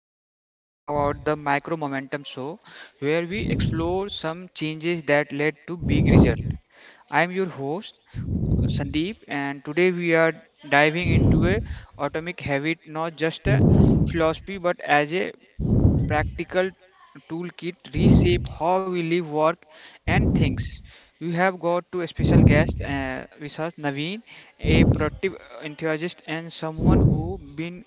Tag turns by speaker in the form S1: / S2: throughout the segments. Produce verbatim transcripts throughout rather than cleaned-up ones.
S1: Today we are talking about the Micro Momentum Show, where we explore some changes that led to big result. I am your host Sandeep, and today we are diving into a atomic habit, not just a philosophy but as a practical toolkit reshape how we live, work, and things. We have got to a special guest uh, with us, Naveen, a productive uh, enthusiast and someone who been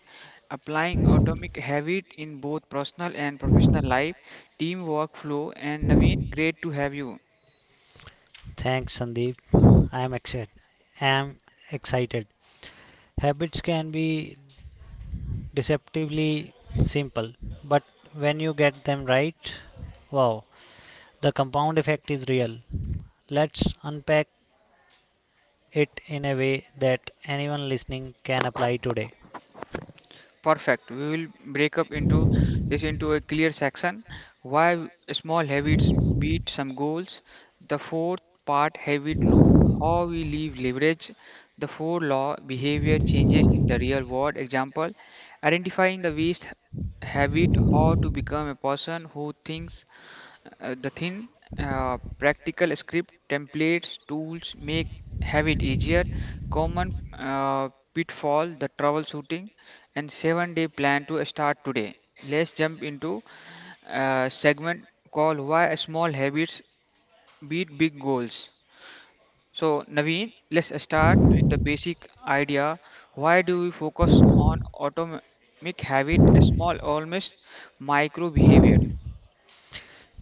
S1: applying atomic habit in both personal and professional life, team workflow. And Naveen, great to have you.
S2: Thanks, Sandeep. I am excited. I am excited. Habits can be deceptively simple, but when you get them right, wow, the compound effect is real. Let's unpack it in a way that anyone listening can apply today.
S1: Perfect. We will break up into this into a clear section. Why small habits beat some goals. The fourth part habit loop, how we leave leverage. The four law behavior changes in the real world. Example, identifying the waste habit, how to become a person who thinks uh, the thin, uh, practical script templates tools make have it easier. Common uh, pitfall, the troubleshooting, and seven-day plan to start today. Let's jump into a segment called "Why Small Habits Beat Big Goals." So, Naveen, let's start with the basic idea. Why do we focus on autonomic habit, a small, almost micro behavior?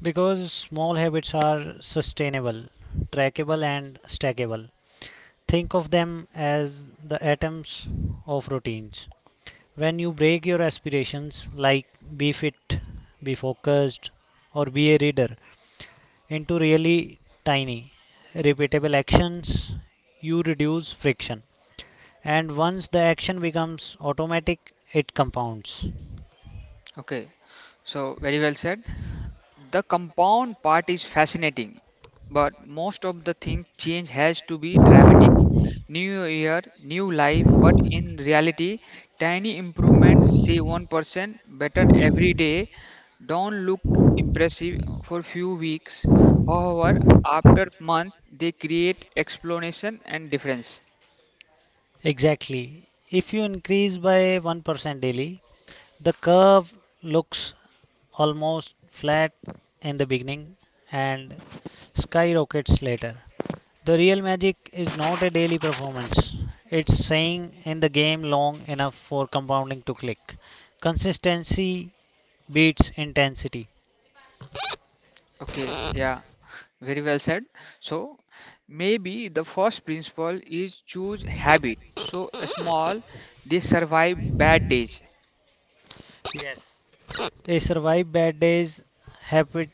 S2: Because small habits are sustainable, trackable, and stackable. Think of them as the atoms of routines. When you break your aspirations like be fit, be focused, or be a reader into really tiny repeatable actions, you reduce friction, and once the action becomes automatic, it compounds.
S1: Okay, so very well said. The compound part is fascinating, but most of the thing change has to be dramatic. New year, new life, but in reality, tiny improvement, say one percent better every day, don't look impressive for few weeks. However, after month, they create explanation and difference.
S2: Exactly, if you increase by one percent daily, the curve looks almost flat in the beginning and skyrockets later. The real magic is not a daily performance. It's staying in the game long enough for compounding to click. Consistency beats intensity.
S1: Okay, yeah. Very well said. So maybe the first principle is choose habit. So small, they survive bad days.
S2: Yes. A survive bad days habit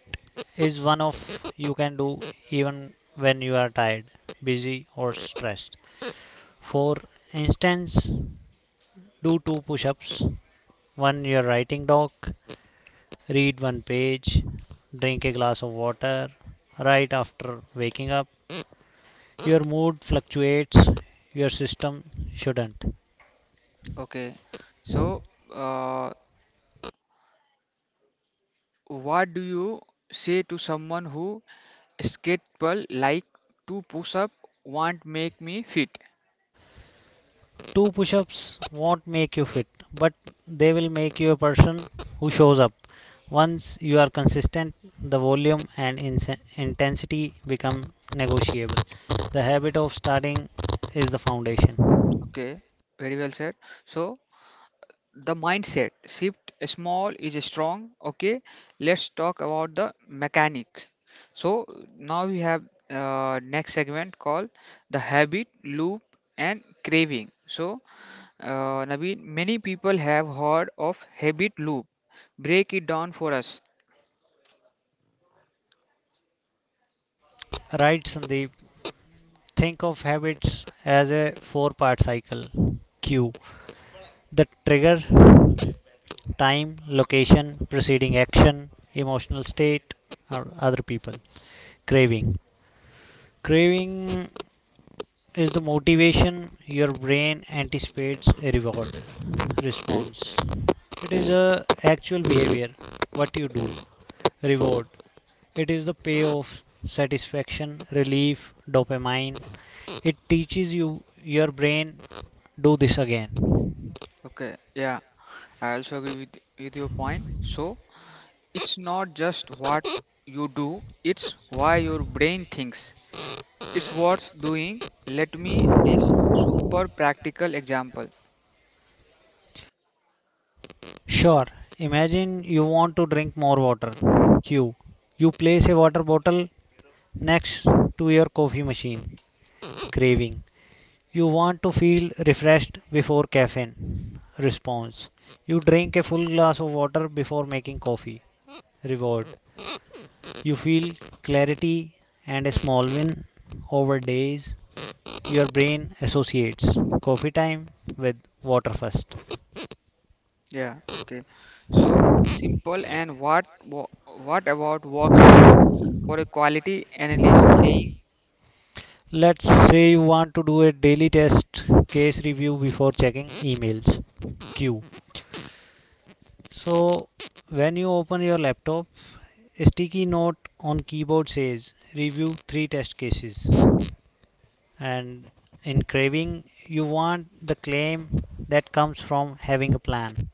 S2: is one of you can do even when you are tired, busy or stressed. For instance, do two push-ups. When you're writing doc, read one page. Drink a glass of water right after waking up. Your mood fluctuates, your system shouldn't.
S1: Okay. So uh, what do you say to someone who skeptical like to push up won't make me fit?
S2: Two push-ups won't make you fit, but they will make you a person who shows up. Once you are consistent, the volume and intensity become negotiable. The habit of starting is the foundation.
S1: Okay. Very well said. So the mindset shift small is strong. Okay, let's talk about the mechanics. So now we have uh, next segment called the habit loop and craving. So uh, Naveen, many people have heard of habit loop. Break it down for us.
S2: Right, Sandeep. Think of habits as a four part cycle. Cue, the trigger: time, location, preceding action, emotional state, or other people. Craving. Craving is the motivation, your brain anticipates a reward. Response. It is a actual behavior, what you do. Reward. It is the payoff, satisfaction, relief, dopamine. It teaches you, your brain, do this again.
S1: Okay, yeah. I also agree with, with your point. So it's not just what you do, it's why your brain thinks it's worth doing. Let me this super practical example.
S2: Sure. Imagine you want to drink more water. Q. You place a water bottle next to your coffee machine. Craving. You want to feel refreshed before caffeine. Response. You drink a full glass of water before making coffee. Reward. You feel clarity and a small win over days. Your brain associates coffee time with water first.
S1: Yeah, okay. So simple. And what wa- what about works habit? For a quality analyst saying,
S2: Let's say you want to do a daily test case review before checking emails. Q, so when you open your laptop, a sticky note on keyboard says review three test cases. And in craving, you want the claim that comes from having a plan.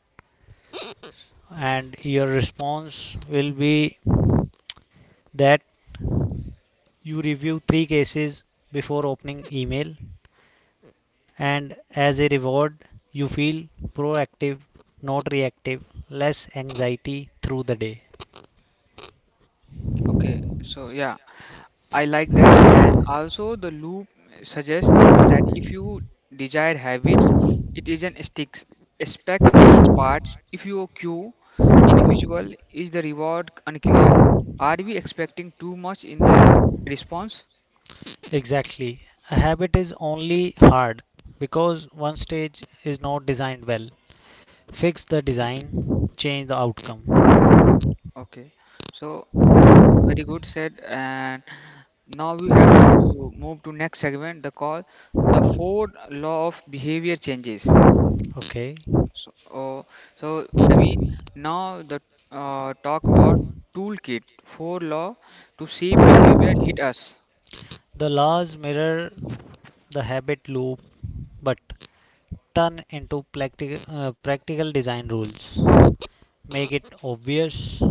S2: And your response will be that you review three cases before opening email. And as a reward, you feel proactive, not reactive, less anxiety through the day.
S1: okay, so yeah, I like that. And also the loop suggests that if you desire habits, it isn't sticks. Expect each part. If your cue individual is the reward unclear. Are we expecting too much in the response?
S2: Exactly. A habit is only hard because one stage is not designed well. Fix the design, change the outcome.
S1: Okay, so very good said. And now we have to move to next segment, the call, the fourth law of behavior changes.
S2: Okay,
S1: So, oh, so Naveen, now the uh, talk about toolkit, four law to see behavior hit us.
S2: the laws mirror the habit loop but turn into practical, uh, practical design rules. Make it obvious,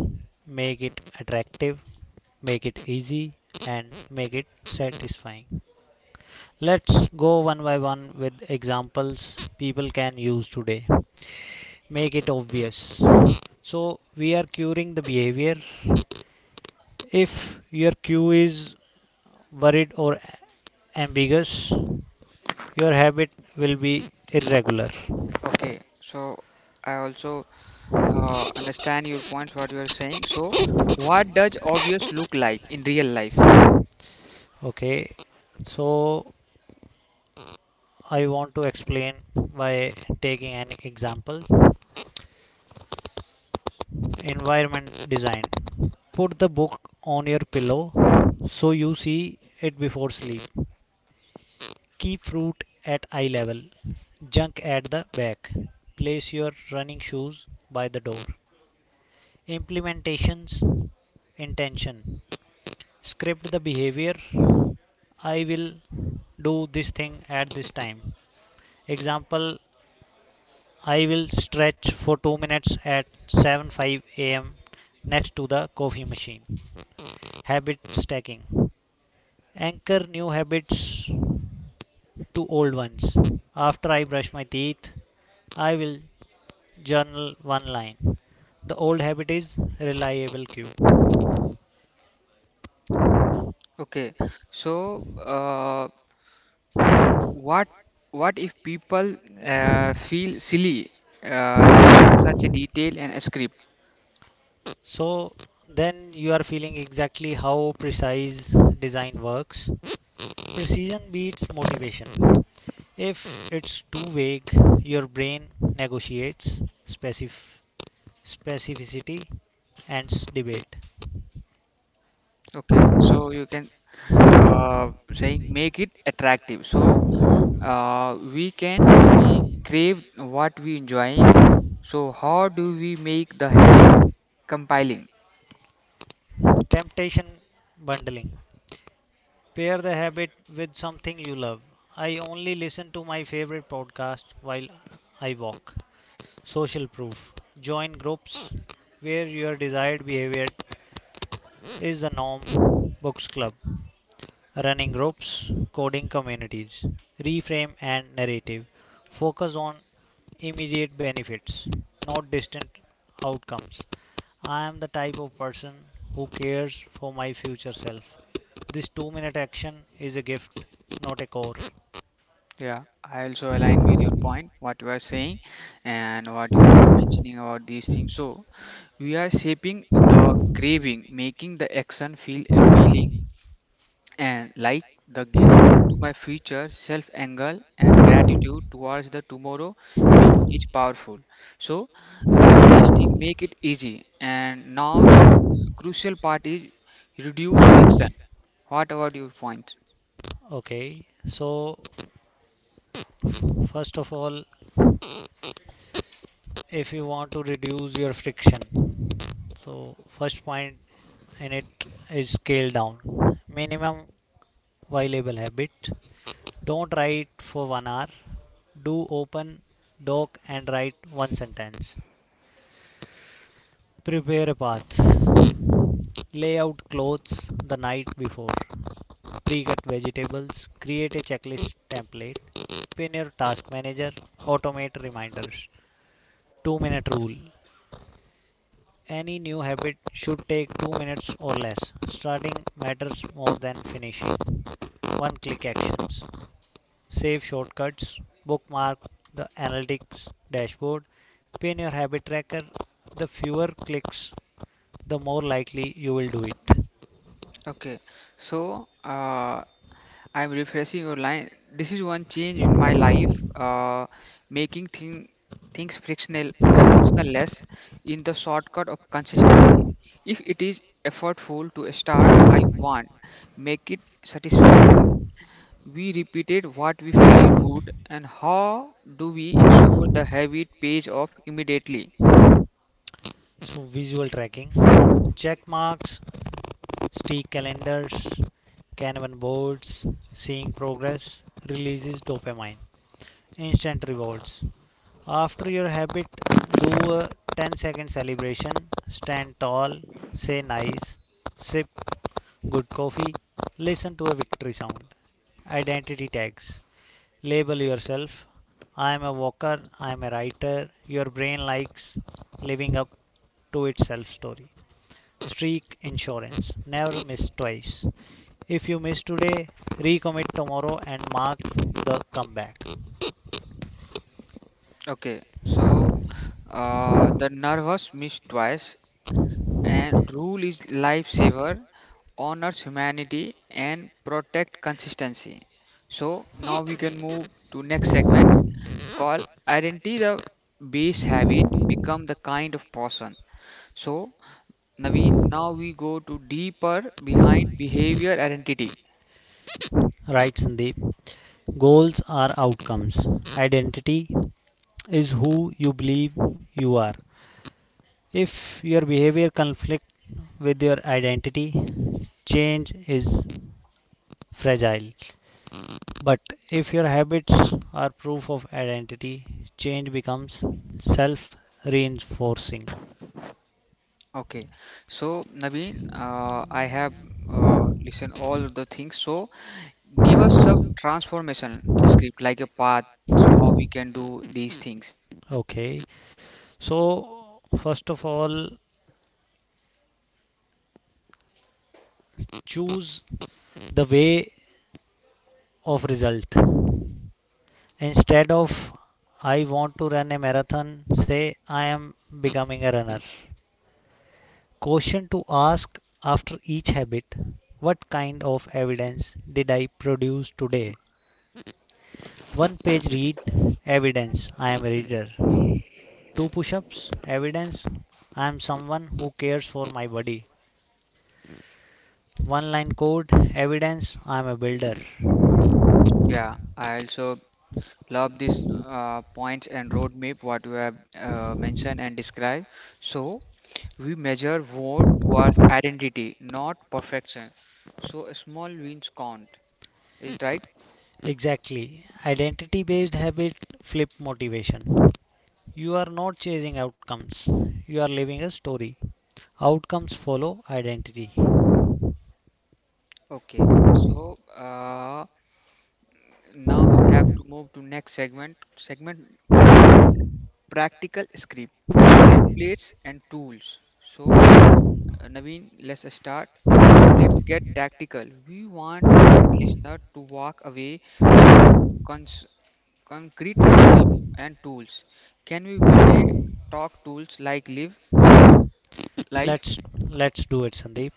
S2: make it attractive, make it easy, and make it satisfying. Let's go one by one with examples people can use today. Make it obvious. So, we are curing the behavior. If your cue is worried or ambiguous, your habit will be irregular.
S1: Okay, so I also uh, understand your points, what you are saying. So, what does obvious look like in real life?
S2: Okay, so I want to explain by taking an example. Environment design: put the book on your pillow so you see it before sleep. Keep fruit at eye level, junk at the back. Place your running shoes by the door. Implementations intention: script the behavior. I will do this thing at this time. Example: I will stretch for two minutes at 7 5 am next to the coffee machine. Habit stacking: anchor new habits to old ones. After I brush my teeth, I will journal one line. The old habit is reliable cube.
S1: Okay, so uh, What what if people uh, feel silly uh, writing such a detail and a script?
S2: So then you are feeling exactly how precise design works. Precision beats motivation. If it's too vague, your brain negotiates specif- specificity and debate.
S1: Okay, so you can uh, saying make it attractive. So uh, we can we crave what we enjoying. So how do we make the habits compiling?
S2: Temptation bundling: pair the habit with something you love. I only listen to my favorite podcast while I walk. Social proof. Join groups where your desired behavior is the norm. Books club. Running groups. Coding communities. Reframe and narrative. Focus on immediate benefits, not distant outcomes. I am the type of person who cares for my future self. This two minute action is a gift, not a chore.
S1: Yeah, I also align with your point, what you are saying and what you're mentioning about these things. So we are shaping the craving, making the action feel appealing and like the gift to my future self angle and gratitude towards the tomorrow me is powerful. So uh, these things make it easy. And now the crucial part is reduce friction. What about your point?
S2: Okay, so first of all, if you want to reduce your friction, so first point in it is scale down. Minimum viable habit. Don't write for one hour. Do open doc and write one sentence. Prepare a path. Lay out clothes the night before. Pre-cut vegetables, create a checklist template, pin your task manager, automate reminders. two minute rule. Any new habit should take two minutes or less. Starting matters more than finishing. One click actions. Save shortcuts, bookmark the analytics dashboard, pin your habit tracker. The fewer clicks, the more likely you will do it.
S1: Okay, so uh, I'm refreshing your line. This is one change in my life, uh, making thing, things frictional, uh, frictional less in the shortcut of consistency. If it is effortful to start, I want make it satisfying. We repeated what we feel good, and how do we ensure the habit pays off immediately?
S2: So, visual tracking: check marks, stick calendars, Kanban boards. Seeing progress releases dopamine. Instant rewards. After your habit, do a ten second celebration, stand tall, say nice, sip good coffee, listen to a victory sound. Identity tags. Label yourself. I am a walker, I am a writer. Your brain likes living up to its self story. Streak insurance. Never miss twice. If you miss today, recommit tomorrow and mark the comeback.
S1: Okay, so uh, the nervous miss twice and rule is lifesaver, honors humanity and protect consistency. So now we can move to next segment called identity, the base habit become the kind of person. So Naveen, now we go to deeper behind behavior identity.
S2: Right, Sandeep. Goals are outcomes. Identity is who you believe you are. If your behavior conflicts with your identity, change is fragile. But if your habits are proof of identity, change becomes self reinforcing.
S1: Okay, so Naveen, uh, I have uh, listened all of the things. So give us some transformation script like a path how we can do these things.
S2: Okay, so first of all, choose the way of result. Instead of I want to run a marathon, say I am becoming a runner. Question to ask after each habit: what kind of evidence did I produce today? One page read, evidence I am a reader. Two push-ups, evidence I am someone who cares for my body. One line code, evidence I am a builder.
S1: Yeah, I also love these uh, points and roadmap what you have uh, mentioned and described. So we measure vote towards identity, not perfection. So small wins count. Is right?
S2: Exactly. Identity based habit flip motivation. You are not chasing outcomes. You are living a story. Outcomes follow identity.
S1: Okay. So uh, now we have to move to next segment. Segment called practical script templates and tools. So Uh, Naveen, let's start. Uh, let's get tactical. We want our listener to walk away with the cons concrete script and tools. Can we build a talk tools like live live?
S2: Let's let's do it, Sandeep.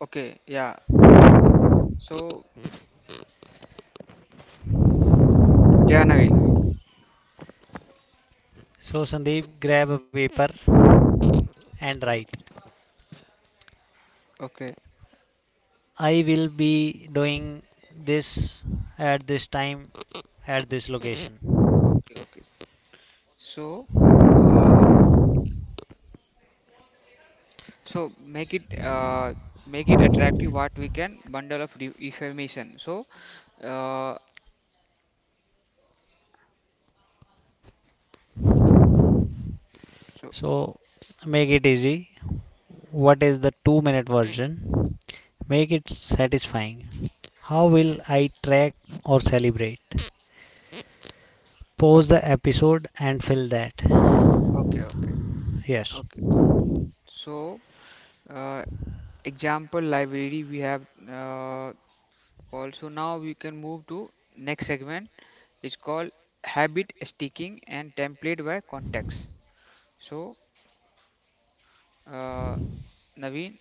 S1: Okay, yeah. So yeah, Naveen.
S2: So Sandeep, grab a paper and write.
S1: Okay,
S2: I will be doing this at this time at this location.
S1: okay, okay. So uh, so make it uh, make it attractive. What we can bundle of re- information. So uh, so
S2: So make it easy. What is the two minute version? Make it satisfying. How will I track or celebrate? Pause
S1: okay,
S2: the episode and fill that.
S1: okay, okay,
S2: Yes.
S1: okay. So. Uh, Example library we have uh, also now we can move to next segment. It's called habit sticking and template by context. So uh, Naveen,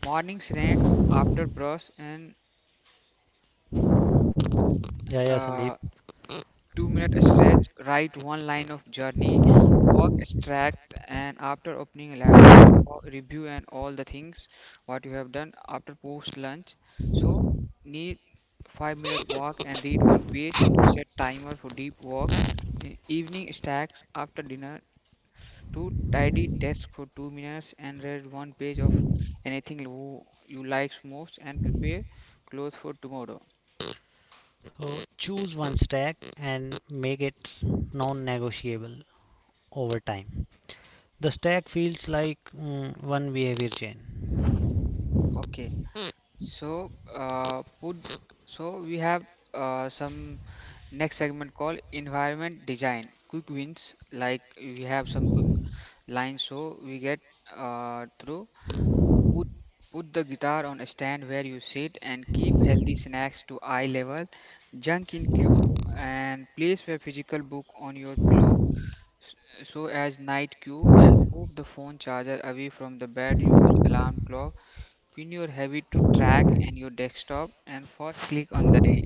S1: morning snacks after brush and
S2: Yeah, yeah, Sandeep.
S1: uh, two minute stretch, write one line of journey, work extract, and after opening a laptop, wo- review and all the things what you have done after post lunch. So need five minute walk and read one page to set timer for deep work. E- Evening stacks after dinner to tidy desk for two minutes and read one page of anything who you likes most and prepare clothes for tomorrow.
S2: So choose one stack and make it non negotiable over time. The stack feels like mm, one behavior chain.
S1: Okay. So, uh, put so we have uh, some next segment called environment design. Quick wins, like we have some quick lines, so we get uh, through. Put put the guitar on a stand where you sit and keep healthy snacks to eye level. Junk in queue and place a physical book on your pillow. s- So as night queue and move the phone charger away from the bed. Use alarm clock, pin your habit to track and your desktop and first click on the day.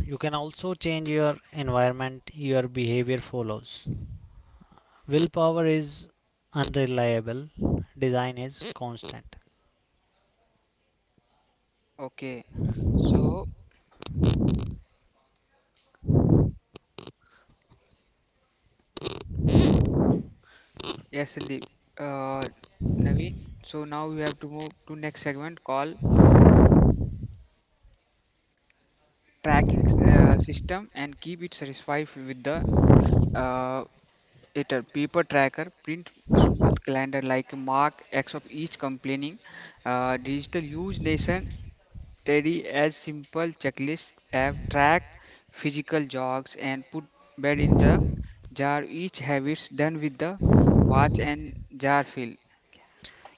S2: You can also change your environment, your behavior follows. Willpower is unreliable, design is constant.
S1: Okay. So yes, Sandeep. Uh, Naveen. So now we have to move to next segment called tracking s- uh, system and keep it satisfied with the uh, it a paper tracker print smooth calendar like mark x of each complaining uh, digital use nation. Steady as simple checklists have tracked physical jogs and put bed in the jar. Each habits done with the watch and jar fill.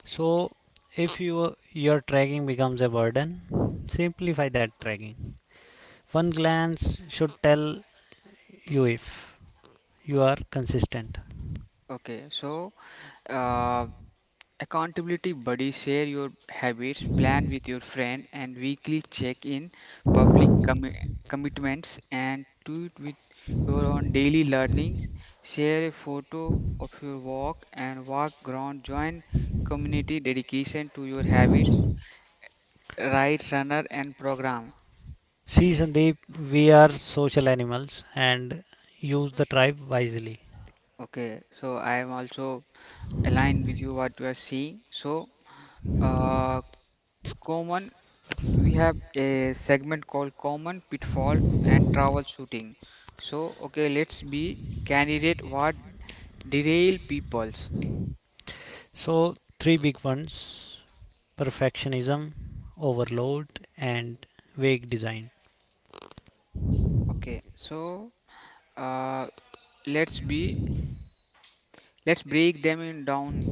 S2: So if you, your tracking becomes a burden, simplify that tracking. One glance should tell you if you are consistent.
S1: Okay, so uh, accountability buddy, share your habits, plan with your friend, and weekly check in public commi commitments and tweet with your own daily learnings. Share a photo of your walk and walk ground. Join community dedication to your habits. Right runner and program.
S2: See Sandeep, we are social animals and use the tribe wisely.
S1: Okay, so I am also aligned with you what you are seeing. So, uh, common we have a segment called common pitfall and troubleshooting. So, okay, let's be candidate what derail peoples.
S2: So three big ones: perfectionism, overload, and vague design.
S1: Okay, so uh, let's be let's break them in down.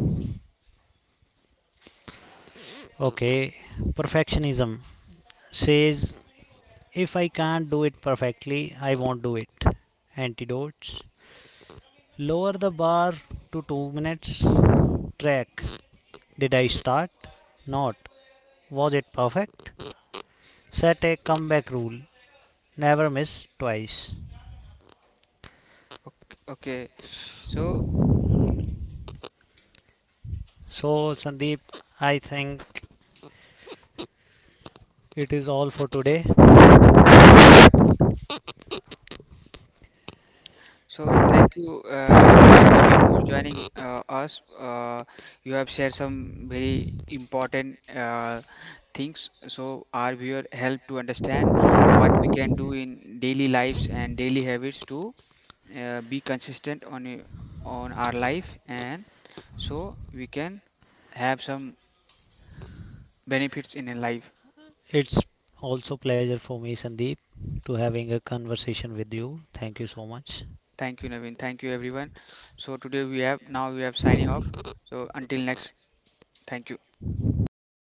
S2: Okay, perfectionism says if I can't do it perfectly, I won't do it. Antidotes: lower the bar to two minutes. Track: did I start, not, was it perfect? Set a comeback rule. Never miss twice.
S1: Okay, okay. So
S2: So, Sandeep, I think it is all for today.
S1: yeah. So thank you, uh, thank you, Naveen, for joining uh, us. Uh, you have shared some very important uh, things, so our viewer help to understand what we can do in daily lives and daily habits to uh, be consistent on y- on our life, and so we can have some benefits in a life.
S2: It's also pleasure for me, Sandeep, to having a conversation with you. Thank you so much.
S1: Thank you, Naveen. Thank you, everyone. So today we have now we have signing off. So until next, thank you.